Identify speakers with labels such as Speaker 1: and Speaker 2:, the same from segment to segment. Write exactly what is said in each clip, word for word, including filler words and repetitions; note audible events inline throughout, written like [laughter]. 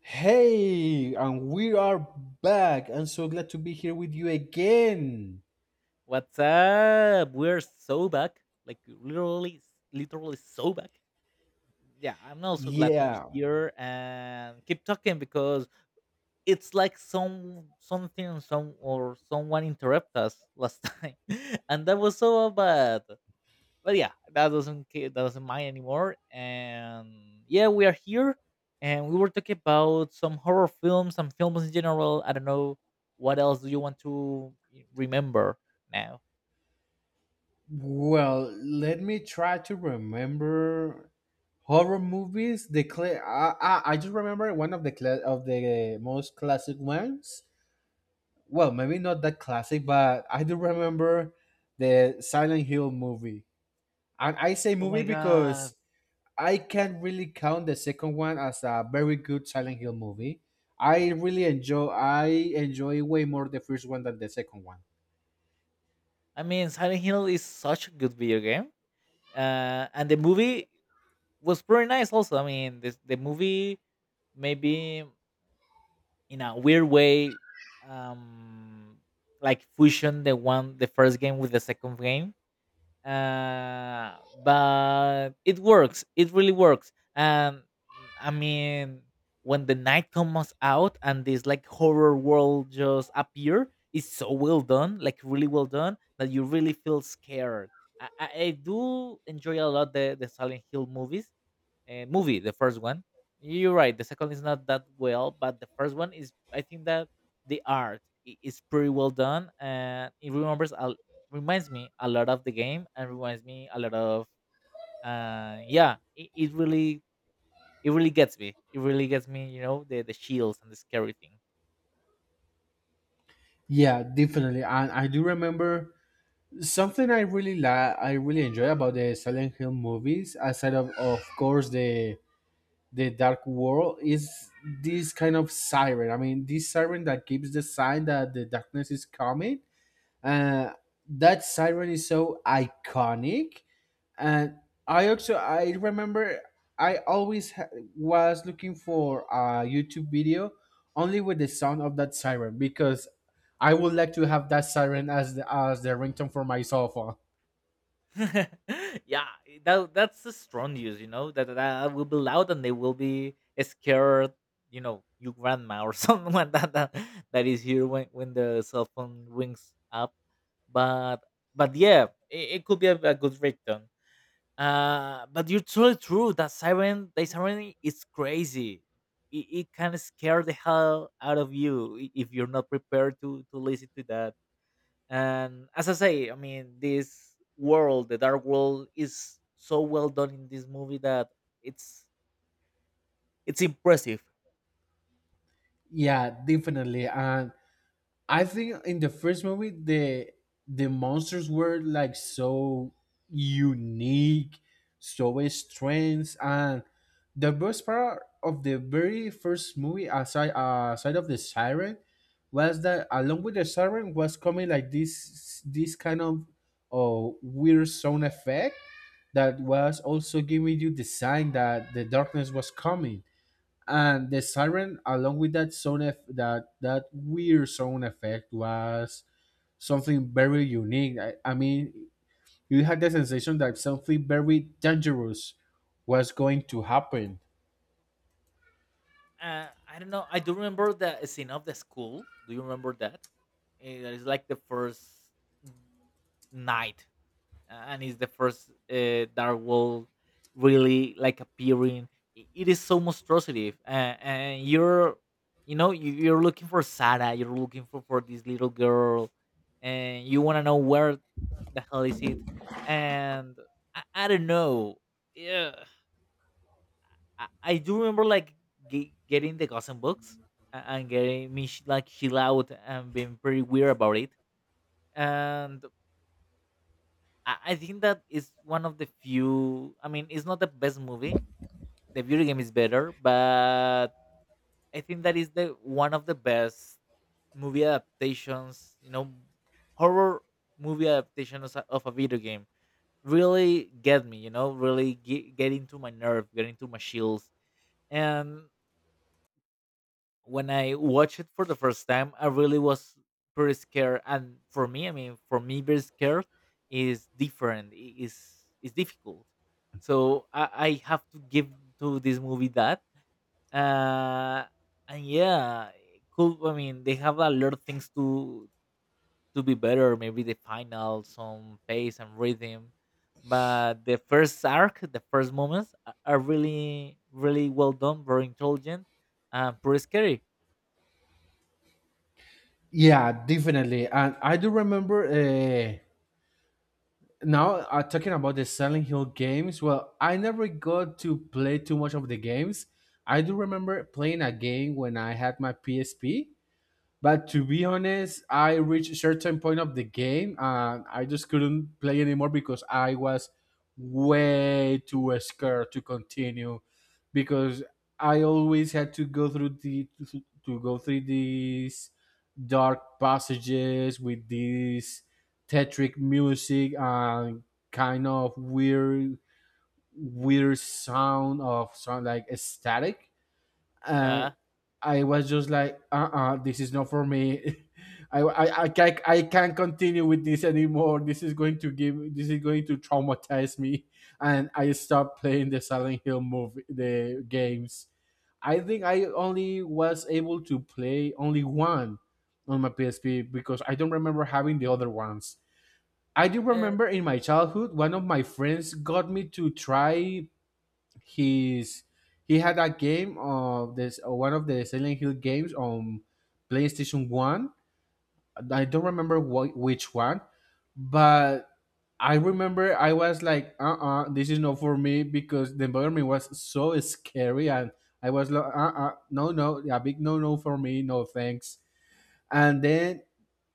Speaker 1: Hey, and we are back. I'm so glad to be here with you again.
Speaker 2: What's up? We're so back, like literally, literally so back. Yeah, I'm also glad to be
Speaker 1: Yeah.
Speaker 2: here and keep talking because it's like some something, some or someone interrupt us last time, [laughs] and that was so bad. But yeah, that doesn't ca- that doesn't mind anymore. And yeah, we are here, and we were talking about some horror films, some films in general. I don't know what else do you want to remember now.
Speaker 1: Well, let me try to remember horror movies. The cla- I, I, I just remember one of the cla- of the most classic ones. Well, maybe not that classic, but I do remember the Silent Hill movie. And I say
Speaker 2: Oh
Speaker 1: movie
Speaker 2: my god.
Speaker 1: because I can really count the second one as a very good Silent Hill movie. I really enjoy I enjoy way more the first one than the second one.
Speaker 2: I mean, Silent Hill is such a good video game. Uh, and the movie was pretty nice also. I mean, this, the movie maybe in a weird way um like fusion the one the first game with the second game, uh, but it works. It really works. And I mean, when the night comes out and this like horror world just appear, it's so well done, like really well done, that you really feel scared. I, I, I do enjoy a lot the the Silent Hill movies uh, movie, the first one. You're right. The second is not that well, but the first one is. I think that the art i- is pretty well done, and it remembers a, reminds me a lot of the game, and reminds me a lot of. Uh, yeah, it, it really it really gets me. It really gets me. You know the the shields and the scary thing.
Speaker 1: Yeah, definitely. And I do remember something I really la- I really enjoy about the Silent Hill movies, aside of of course, the the Dark World, is this kind of siren. I mean, this siren that gives the sign that the darkness is coming. Uh, that siren is so iconic, and i also I remember I always ha- was looking for a youtube video only with the sound of that siren because I would like to have that siren as the as the ringtone for my cell phone.
Speaker 2: [laughs] Yeah, that that's the strong news, you know, that, that will be loud and they will be scared, you know, your grandma or [laughs] someone that that, that is here when, when the cell phone rings up. But but yeah, it, it could be a, a good ringtone. Uh, but you're totally true, that siren, the siren is crazy. It, it can scare the hell out of you i- if you're not prepared to to listen to that. And as I say, I mean, this world, the dark world, is so well done in this movie that it's it's impressive.
Speaker 1: Yeah, definitely and. I think in the first movie the the monsters were like so unique, so strange, and the best part of the very first movie, aside aside of the siren, was that along with the siren was coming like this this kind of uh, weird sound effect that was also giving you the sign that the darkness was coming. And the siren along with that sound eff- that that weird sound effect was something very unique. I, I mean, you had the sensation that something very dangerous was going to happen.
Speaker 2: Uh, i don't know. I do remember the scene of the school. Do you remember that? Eh, that is like the first night, and it's the first uh, dark world really like appearing. I- it is so monstrosive, uh, and you're you know you, you're looking for Sarah. You're looking for for this little girl, and you want to know where the hell is it. And i, I don't know. Yeah, I, I do remember like ge- getting the gossip books, a- and getting me sh- like chill out and being pretty weird about it. And I, I think that is one of the few. I mean, it's not the best movie. The video game is better, but I think that is the one of the best movie adaptations. You know, horror movie adaptations of a of a video game really get me. You know, really get, get into my nerve, get into my shields, and when I watched it for the first time, I really was pretty scared. And for me, I mean, for me, being scared is different. i- is is difficult. So I, I have to give to this movie that. Uh, and yeah, it could, I mean, they have a lot of things to to be better. Maybe the final, some pace and rhythm. But the first arc, the first moments are are really, really well done, very intelligent, and pretty scary.
Speaker 1: Yeah, definitely. And I do remember, uh now uh, talking about the Silent Hill games, well, I never got to play too much of the games. I do remember playing a game when I had my P S P. But to be honest, I reached a certain point of the game and I just couldn't play anymore because I was way too scared to continue, because I always had to go through the to go through these dark passages with this tetric music and kind of weird weird sound of sound like static. Uh,
Speaker 2: Yeah.
Speaker 1: I was just like, uh-uh, this is not for me. [laughs] I, I, I, can't, I can't continue with this anymore. This is going to give, this is going to traumatize me. And I stopped playing the Silent Hill movie, the games. I think I only was able to play only one on my P S P because I don't remember having the other ones. I do
Speaker 2: Uh,
Speaker 1: remember in my childhood, one of my friends got me to try, he's he had a game of this uh, one of the Silent Hill games on PlayStation One. I don't remember wh- which one, but I remember I was like, "Uh, uh, this is not for me," because the environment was so scary, and I was like, "Uh, uh, no, no, a big no, no for me, no thanks." And then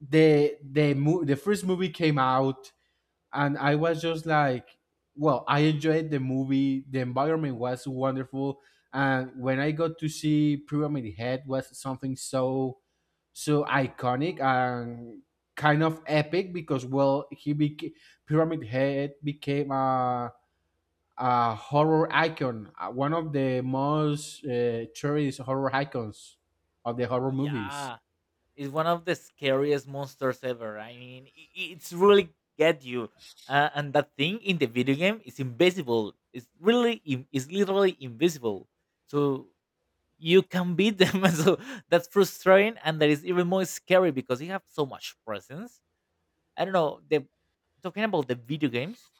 Speaker 1: the the mo- the first movie came out, and I was just like, well, I enjoyed the movie. The environment was wonderful, and when I got to see Pyramid Head, was something so so iconic and kind of epic, because, well, he became Pyramid Head became a a horror icon, uh, one of the most uh, cherished horror icons of the horror movies.
Speaker 2: yeah, it's one of the scariest monsters ever. I mean, i- i- it's really get you. Uh, and that thing in the video game is invisible. It's really, in- it's literally invisible. So you can beat them. [laughs] So that's frustrating, and that is even more scary because you have so much presence. I don't know. The Talking about the video games,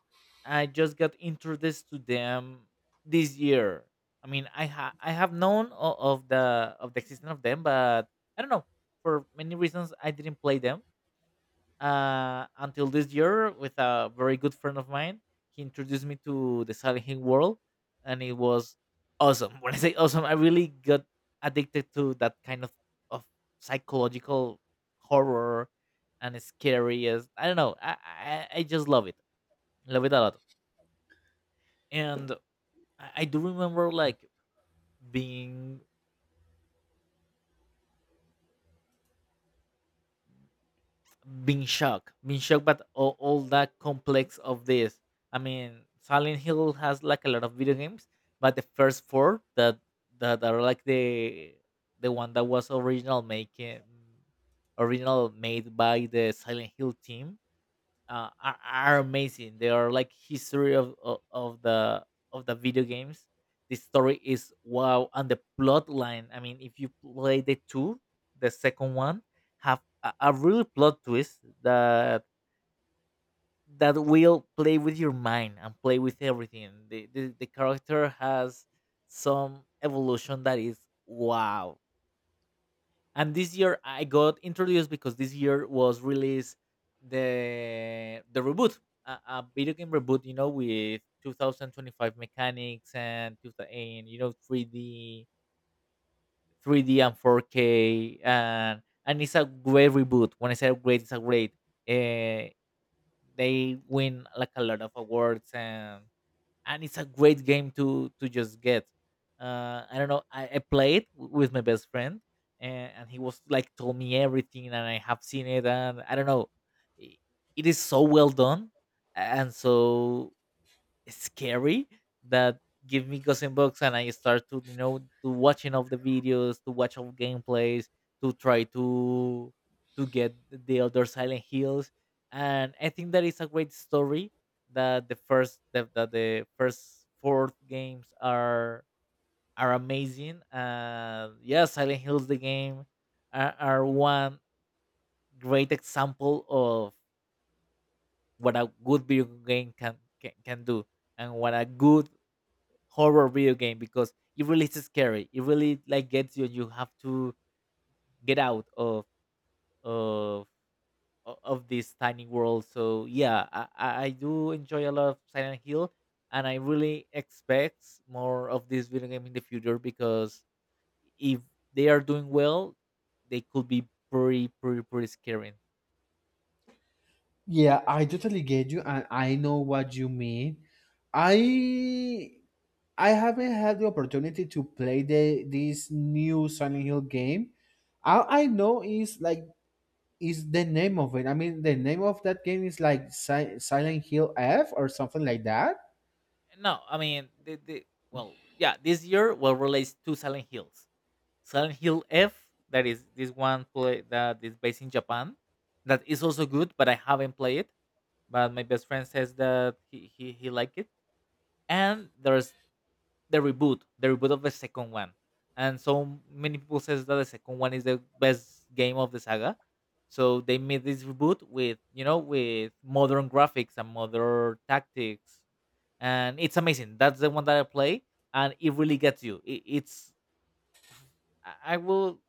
Speaker 2: I just got introduced to them this year. I mean, I ha- I have known o- of the of the existence of them, but I don't know, for many reasons I didn't play them, uh, until this year with a very good friend of mine. He introduced me to the Silent Hill world, and it was awesome. [laughs] When I say awesome, I really got addicted to that kind of of psychological horror and scary. As I don't know, I I, I just love it, love it a lot. And I I do remember like being being shocked, being shocked, but all, all that complex of this. I mean, Silent Hill has like a lot of video games, but the first four that that are like the the one that was original making original made by the Silent Hill team, uh, are, are amazing. They are like history of, of of the of the video games. The story is wow, and the plot line. I mean, if you play the two, the second one have a, a real plot twist that that will play with your mind and play with everything. The the, the character has some evolution that is wow. And this year I got introduced because this year was released the the reboot, a, a video game reboot, you know, with twenty twenty-five mechanics and, two thousand and you know three D, three D and four K, and and it's a great reboot. When I say great, it's a great. Uh, they win like a lot of awards, and and it's a great game to to just get. Uh, I don't know. I, I played w- with my best friend, and, and he was like told me everything, and I have seen it, and I don't know. i- It is so well done, and so scary, that give me Gothenburg and I start to, you know, to watching of the videos, to watch of gameplays, to try to to get the other Silent Hills. And I think that is a great story that the first that, that the first four games are are amazing. Uh, yeah, Silent Hills the game are, are one great example of what a good video game can can, can do, and what a good horror video game, because it really is scary. It really like gets you. And you have to get out of of o- of this tiny world. So yeah, I, I I do enjoy a lot of Silent Hill, and I really expect more of this video game in the future, because if they are doing well, they could be pretty pretty pretty scary.
Speaker 1: Yeah, I totally get you, and I know what you mean. I I haven't had the opportunity to play the this new Silent Hill game. All I know is like is the name of it. I mean, the name of that game is like Si- Silent Hill F or something like that.
Speaker 2: No, I mean the, the well, yeah, this year will release two Silent Hills. Silent Hill F, that is this one play that is based in Japan, that is also good, but I haven't played it. But my best friend says that he he, he liked it. And there's the reboot, the reboot of the second one. And so many people says that the second one is the best game of the saga. So they made this reboot with, you know, with modern graphics and modern tactics, and it's amazing. That's the one that I play, and it really gets you. It, it's I I will,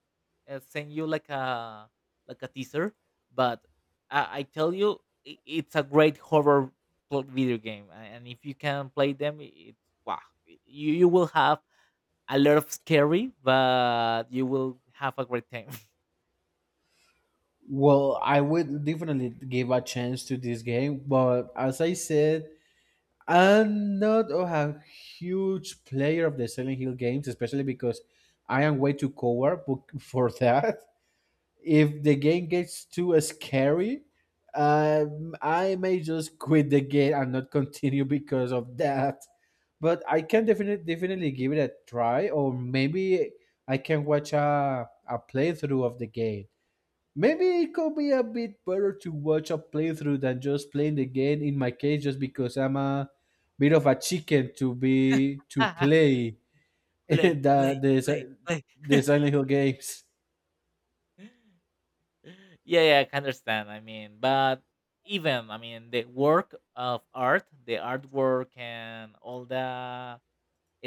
Speaker 2: uh, send you like a like a teaser. But I, I tell you, i- it's a great horror pl- video game, a- and if you can play them, i- it's wow. Y- You you will have a lot of scary, but you will have a great time.
Speaker 1: Well, I would definitely give a chance to this game, but as I said, I'm not a huge player of the Silent Hill games, especially because I am way too coward [laughs] book- for that. If the game gets too scary, um, I may just quit the game and not continue because of that. But I can definitely definitely give it a try, or maybe I can watch a, a playthrough of the game. Maybe it could be a bit better to watch a playthrough than just playing the game. In my case, just because I'm a bit of a chicken to be to
Speaker 2: [laughs]
Speaker 1: play [laughs]
Speaker 2: Play,
Speaker 1: the
Speaker 2: play,
Speaker 1: the,
Speaker 2: play,
Speaker 1: Si-
Speaker 2: play.
Speaker 1: the
Speaker 2: [laughs]
Speaker 1: Silent Hill games.
Speaker 2: Yeah, yeah, I can understand. I mean, but even, I mean, the work of art, the artwork and all the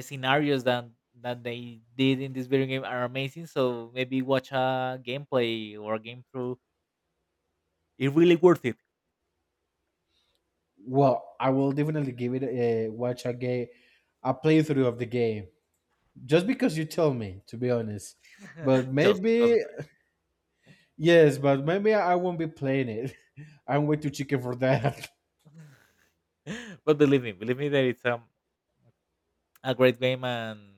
Speaker 2: scenarios that that they did in this video game are amazing. So maybe watch a gameplay or a game through, it really worth it.
Speaker 1: Well, I will definitely give it a watch, a game, a playthrough of the game, just because you tell me, to be honest. But
Speaker 2: [laughs] Just because
Speaker 1: maybe
Speaker 2: of
Speaker 1: yes, but maybe I won't be playing it. [laughs] I'm way too chicken for that. [laughs]
Speaker 2: that. [laughs] But believe me, believe me that it's um a great game. and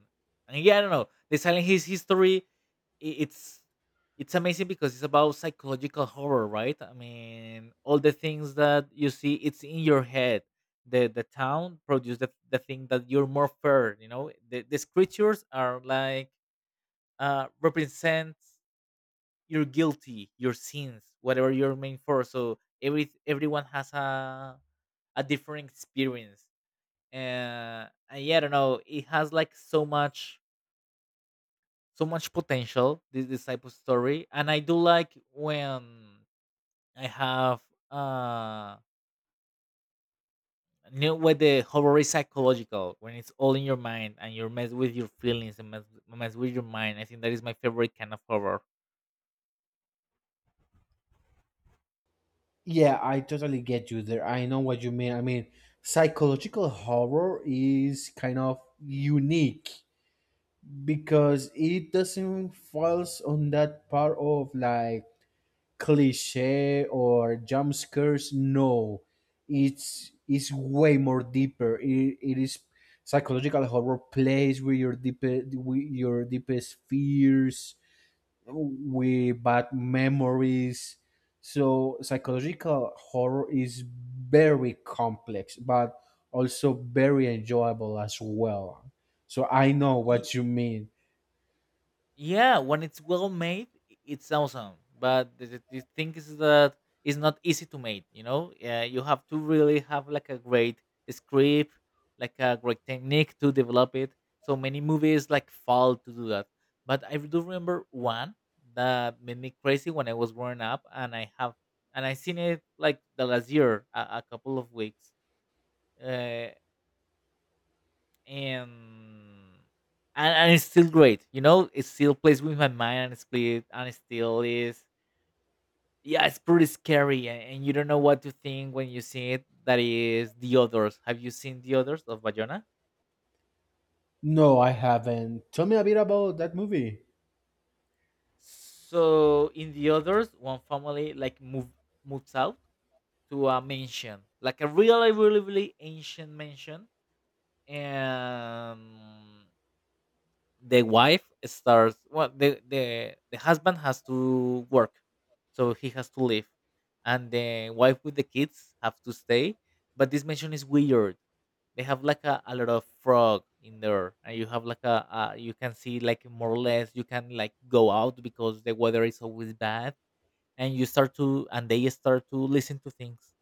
Speaker 2: and yeah, I don't know. The Silent His history, i- it's it's amazing because it's about psychological horror, right? I mean, all the things that you see, it's in your head. The the town produce the, the thing that you're more feared. You know, the, these creatures are like uh represent your guilty, your sins, whatever you're meant for. So every everyone has a a different experience. Uh, and yeah, I don't know. It has like so much, so much potential. This this type of story, and I do like when I have, uh, you know, when the horror is psychological, when it's all in your mind and you're messed with your feelings and mess, mess with your mind. I think that is my favorite kind of horror.
Speaker 1: Yeah, I totally get you there. I know what you mean. I mean, psychological horror is kind of unique because it doesn't falls on that part of like cliche or jump scares. No, it's it's way more deeper. It, it is psychological horror plays with your deepest with your deepest fears, with bad memories. So psychological horror is very complex, but also very enjoyable as well. So I know what you mean.
Speaker 2: Yeah, when it's well made, i- it's awesome. But the, the the thing is that it's not easy to make. You know, yeah, you have to really have like a great script, like a great technique to develop it. So many movies like fall to do that. But I do remember one that made me crazy when I was growing up, and I have and I seen it like the last year, a, a couple of weeks. Uh, and and, and it's still great. You know, it still plays with my mind and split, and it still is. Yeah, it's pretty scary, and, and you don't know what to think when you see it. That is The Others. Have you seen The Others of Bayona?
Speaker 1: No, I haven't. Tell me a bit about that movie.
Speaker 2: So in The Others, one family like move moves out to a mansion, like a really, really, really ancient mansion, and the wife starts well the the, the husband has to work, so he has to leave, and the wife with the kids have to stay, but this mansion is weird. They have like a, a lot of frog in there, and you have like a, a you can see like more or less you can like go out because the weather is always bad. And you start to and they start to listen to things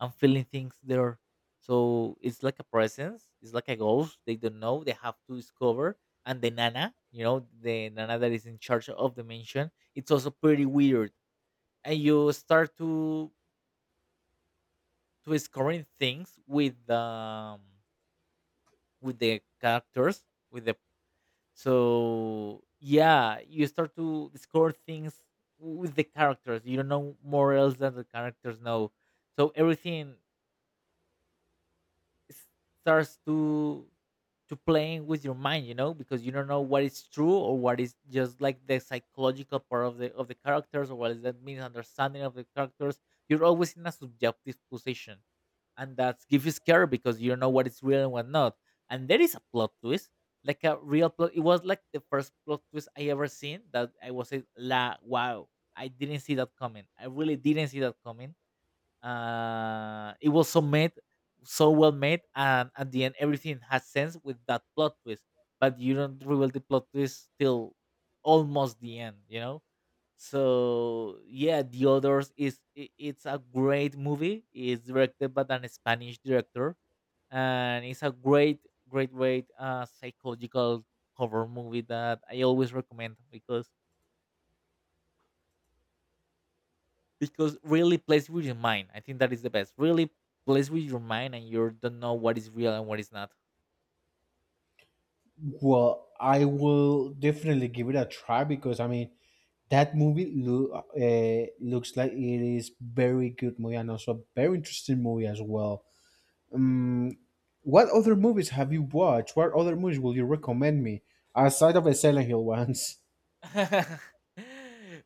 Speaker 2: and feeling things there, so it's like a presence, it's like a ghost they don't know, they have to discover. And the nana you know the nana that is in charge of the mansion, it's also pretty weird. And you start to to scoring things with the with the characters with the so yeah, you start to discover things with the characters. You don't know more else than the characters know. So everything s- starts to to playing with your mind, you know, because you don't know what is true or what is just like the psychological part of the of the characters or what is that misunderstanding of the characters. You're always in a subjective position, and that's give you scare because you don't know what is real and what not. And there is a plot twist, like a real plot. It was like the first plot twist I ever seen, that I was like, la wow, I didn't see that coming. I really didn't see that coming. Uh, it was so made, so well made, and at the end everything has sense with that plot twist. But you don't reveal the plot twist till almost the end, you know So yeah, The Others is i- it's a great movie. It's directed by an Spanish director, and it's a great, great, great uh, psychological horror movie that I always recommend because because really plays with your mind. I think that is the best. Really plays with your mind, and you don't know what is real and what is not.
Speaker 1: Well, I will definitely give it a try because, I mean, that movie loo- uh, looks like it is very good movie and also very interesting movie as well. Um, what other movies have you watched? What other movies will you recommend me aside of the Silent Hill ones? [laughs]
Speaker 2: [laughs]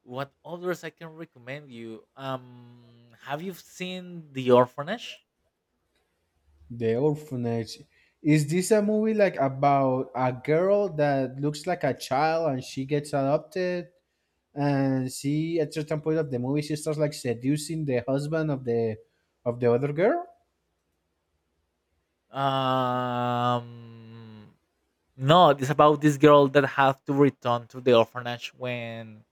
Speaker 2: What others I can recommend you? Um have you seen The Orphanage?
Speaker 1: The Orphanage. Is this a movie like about a girl that looks like a child and she gets adopted? And she, at certain point of the movie, she starts like seducing the husband of the of the other girl.
Speaker 2: um No, it's about this girl that have to return to the orphanage when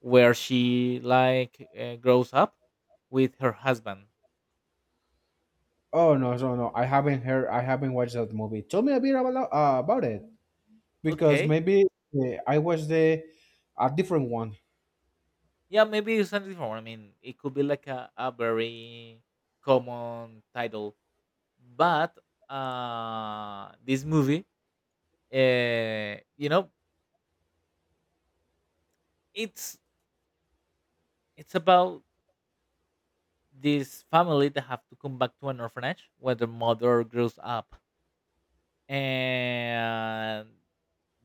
Speaker 2: where she like uh, grows up with her husband.
Speaker 1: Oh, no, no, no! I haven't heard. I haven't watched that movie. Tell me a bit about uh, about it, because
Speaker 2: Okay,
Speaker 1: maybe uh, I watched the a different one.
Speaker 2: yeah, maybe it's something different. I mean, it could be like a, a very common title, but uh, this movie, uh, you know, it's it's about this family that have to come back to an orphanage where the mother grows up, and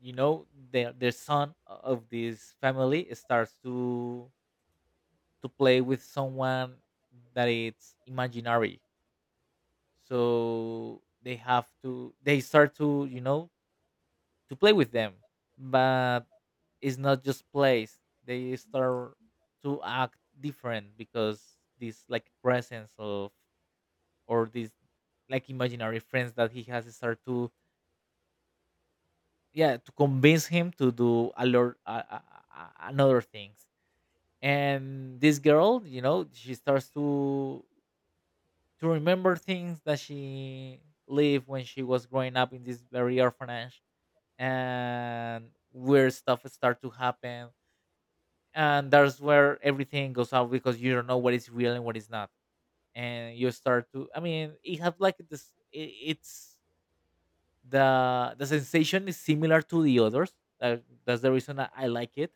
Speaker 2: you know the the son of this family starts to to play with someone that it's imaginary. So they have to they start to you know to play with them. But it's not just plays, they start to act different because this like presence of, or this like imaginary friends that he has start to yeah to convince him to do a lot uh, uh, uh, another things. And this girl you know she starts to to remember things that she lived when she was growing up in this very orphanage, and weird stuff start to happen. And that's where everything goes out because you don't know what is real and what is not. And you start to I mean, it has like this it, it's the the sensation is similar to The Others, that, that's the reason I, I like it.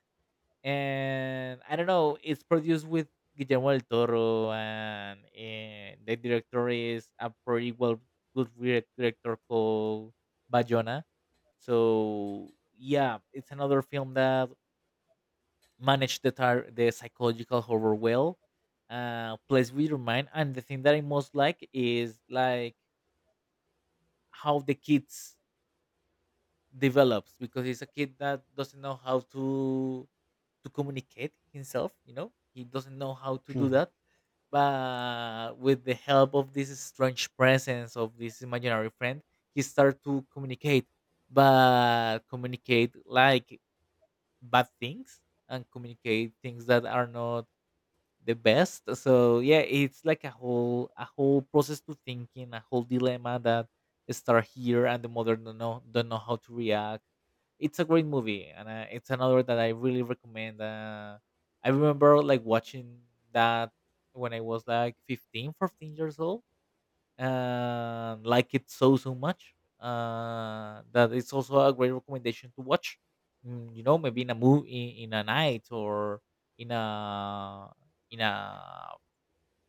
Speaker 2: And I don't know, it's produced with Guillermo del Toro, and, eh, the director is a pretty well good direc- director called Bayona. So yeah, it's another film that managed the tar- the psychological horror well, uh, plays with your mind. And the thing that I most like is like how the kids develops, because he's a kid that doesn't know how to to communicate himself you know He doesn't know how to do
Speaker 1: Mhm.
Speaker 2: that. But with the help of this strange presence of this imaginary friend, he started to communicate, but communicate like bad things, and communicate things that are not the best. So yeah, it's like a whole a whole process to thinking, a whole dilemma that start here, and the mother don't know don't know how to react. It's a great movie, and uh, it's another that I really recommend. Uh, I remember like watching that when I was like fifteen, fourteen years old and like it so so much uh that it's also a great recommendation to watch mm, you know maybe in a movie, in, in a night, or in a in a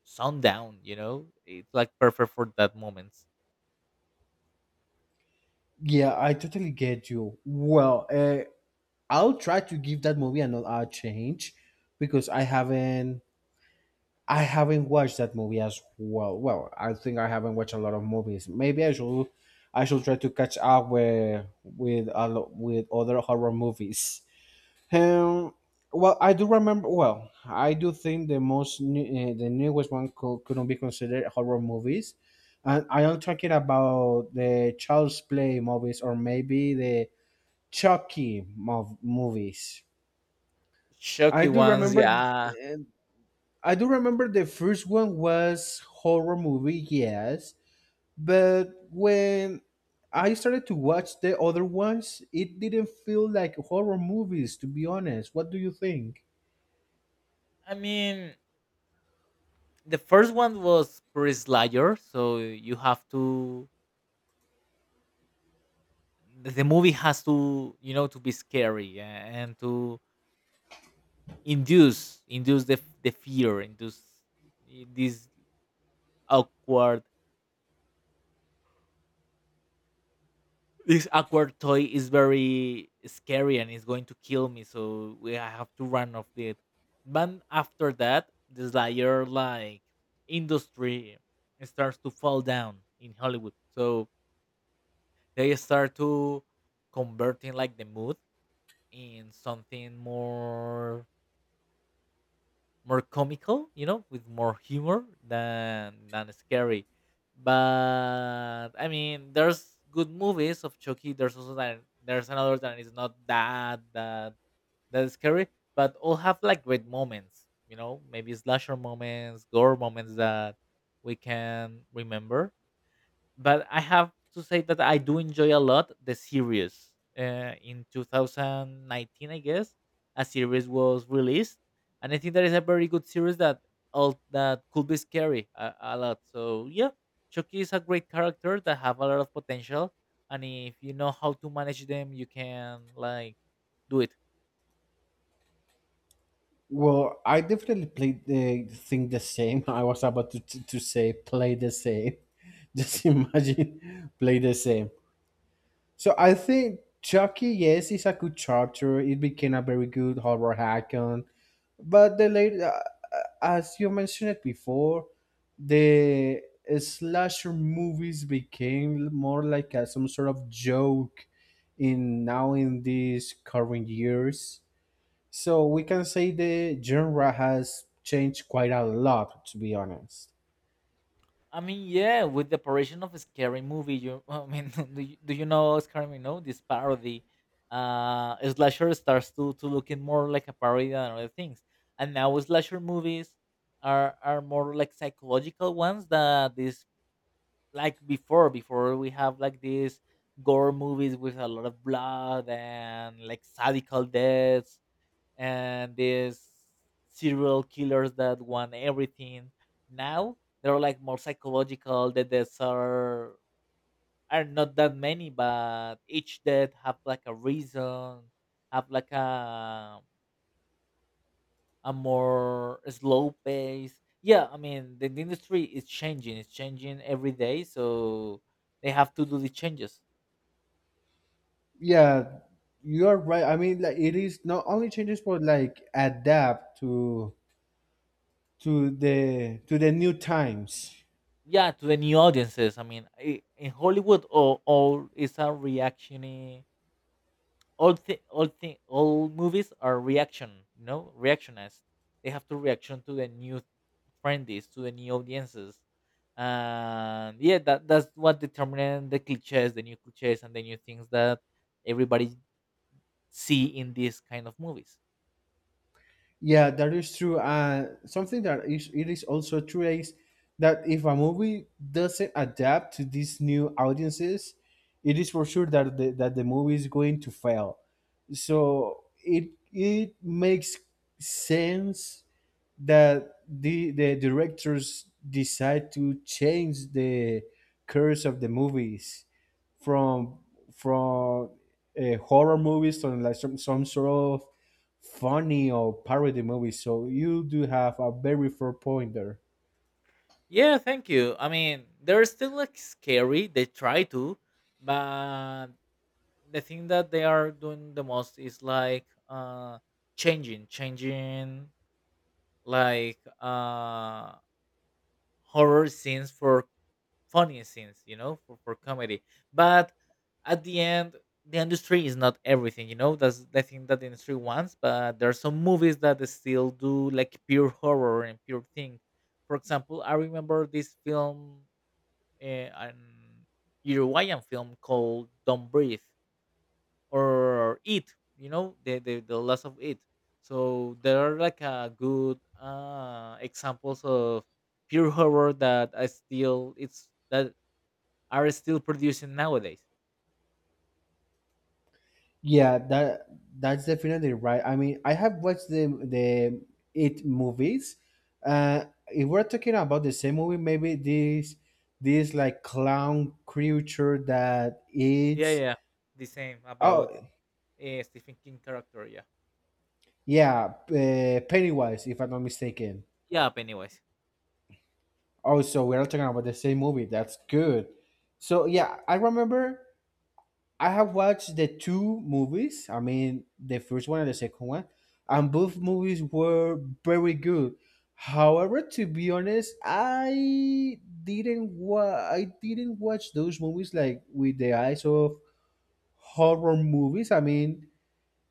Speaker 2: sundown, you know, it's like perfect for that moment.
Speaker 1: Yeah, I totally get you. Well, uh, I'll try to give that movie another a chance, because I haven't I haven't watched that movie as well. Well, I think I haven't watched a lot of movies. Maybe I should, I should try to catch up with with a lo- with other horror movies. Um, well, I do remember. Well, I do think the most new, uh, the newest one could, couldn't be considered horror movies, and I am talking about the Child's Play movies or maybe the Chucky mov- movies. I
Speaker 2: Shocky
Speaker 1: do
Speaker 2: ones,
Speaker 1: remember
Speaker 2: yeah.
Speaker 1: uh, I do remember the first one was horror movie, yes, but when I started to watch the other ones, it didn't feel like horror movies, to be honest. What do you think?
Speaker 2: I mean, the first one was pretty slayer, so you have to the the movie has to you know to be scary, a- and to induce induce the the fear, induce this awkward this awkward toy is very scary and is going to kill me, so we I have to run off it. But after that, the slayer like industry starts to fall down in Hollywood, so they start to converting like the mood in something more more comical, you know, with more humor than than scary. But I mean, there's good movies of Chucky. There's also that there's another that is not that that that scary, but all have like great moments. You know, maybe slasher moments, gore moments that we can remember. But I have to say that I do enjoy a lot the series. Uh, in twenty nineteen, I guess a series was released, and I think that is a very good series that all that could be scary a, a lot. So yeah, Chucky is a great character that have a lot of potential, and if you know how to manage them, you can like do it.
Speaker 1: Well, I definitely played the thing the same. [laughs] I was about to, to, to say play the same. [laughs] Just imagine play the same. So I think Chucky, yes, is a good chapter. It became a very good horror hack-on. But the late, uh, uh, as you mentioned it before, the slasher movies became more like a, some sort of joke in now in these current years. So we can say the genre has changed quite a lot, to be honest.
Speaker 2: I mean, yeah, with the operation of a scary movie, you I mean, [laughs] do you, do you know Scary Minogue? This parody, uh, slasher starts to to looking more like a parody than other things, and now slasher movies are are more like psychological ones. That this like before before we have like these gore movies with a lot of blood and like sadical deaths, and these serial killers that want everything. Now they're like more psychological. The deaths are are not that many, but each death have like a reason, have like a a more slow pace. Yeah, I mean the, the industry is changing. It's changing every day, so they have to do the changes.
Speaker 1: Yeah, you are right. I mean, like, it is not only changes, but like adapt to to the to the new times.
Speaker 2: Yeah, to the new audiences. I mean, i- in Hollywood, all, all is a reactionary, all thi- all thi- all movies are reaction, you know reactionist, they have to reaction to the new trendies, to the new audiences. And yeah, that that's what determines the cliches, the new cliches, and the new things that everybody see in these kind of movies.
Speaker 1: Yeah, that is true. Uh, something that is it is also true is that if a movie doesn't adapt to these new audiences, it is for sure that the, that the movie is going to fail. So it it makes sense that the the directors decide to change the course of the movies from from uh, horror movies to like some some sort of funny or parody movies. So you do have a very fair point there.
Speaker 2: Yeah, thank you. I mean, they're still like scary, they try to. But the thing that they are doing the most is like uh changing changing like uh horror scenes for funny scenes, you know, for, for comedy. But at the end, the industry is not everything, you know. That's the thing that the industry wants. But there are some movies that still do like pure horror and pure thing. For example, I remember this film, uh, an Uruguayan film called "Don't Breathe." Or eat, you know the, the the loss of it. So there are like a good uh examples of pure horror that I still, it's that are still producing nowadays.
Speaker 1: Yeah, that that's definitely right. I mean, I have watched the the it movies. Uh, if we're talking about the same movie, maybe this this like clown creature that
Speaker 2: Yeah,
Speaker 1: eats.
Speaker 2: yeah. The same
Speaker 1: Oh
Speaker 2: about uh, Stephen King character. Yeah.
Speaker 1: yeah, uh, Pennywise, if I'm not mistaken.
Speaker 2: Yeah, Pennywise.
Speaker 1: Oh, so we're not talking about the same movie. That's good. So yeah, I remember I have watched the two movies. I mean, the first one and the second one, and both movies were very good. However, to be honest, I didn't wa- I didn't watch those movies like with the eyes of horror movies. I mean,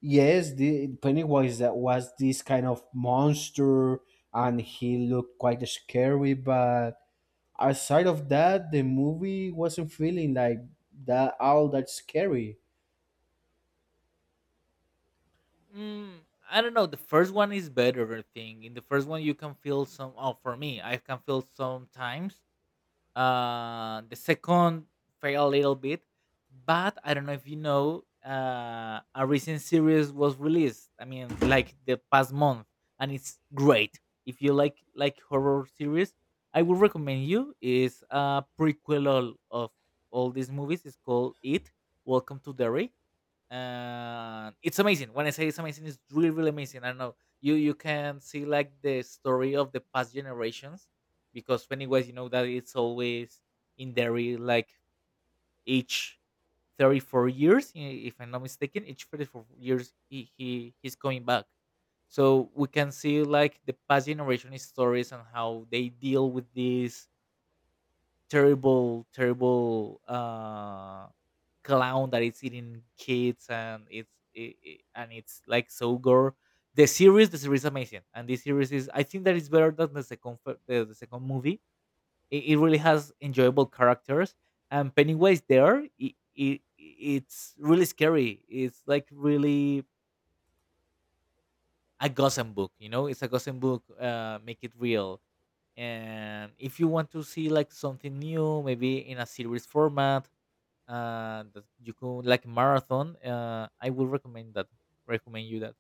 Speaker 1: yes, the Pennywise that was this kind of monster, and he looked quite scary. But aside of that, the movie wasn't feeling like that all that scary.
Speaker 2: mm, I don't know, the first one is better. I think in the first one you can feel some, oh, for me I can feel sometimes. Uh, the second failed a little bit, but I don't know if you know, uh, a recent series was released. I mean, like the past month, and it's great. If you like like horror series, I would recommend you. Is a prequel of all these movies. It's called It. Welcome to Derry, and it's amazing. When I say it's amazing, it's really really amazing. I don't know, you you can see like the story of the past generations, because Pennywise, you know that it's always in there, eh, like each thirty four years, i- if I'm not mistaken, each thirty four years he, he he's coming back. So we can see like the past generation stories and how they deal with this terrible, terrible uh, clown that is eating kids, and it's it, it- and it's like so gore. The series, the series is amazing, and this series is, I think that it's better than the second fir- the, the second movie. It, it really has enjoyable characters, and Pennywise there, it, it it's really scary. It's like really a gossip book, you know. It's a gossip book. Uh, make it real. And if you want to see like something new, maybe in a series format, uh, that you could like marathon. Uh, I will recommend that. Recommend you that.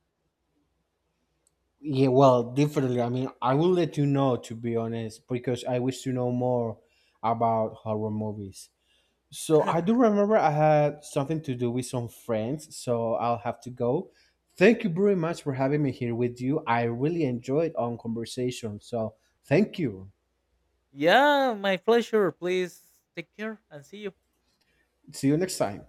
Speaker 1: Yeah, well, definitely. I mean, I will let you know, to be honest, because I wish to know more about horror movies. So I do
Speaker 2: [laughs]
Speaker 1: remember I had something to do with some friends, so I'll have to go. Thank you very much for having me here with you. I really enjoyed our conversation. So thank you.
Speaker 2: Yeah, my pleasure. Please take care and see you.
Speaker 1: See you next time.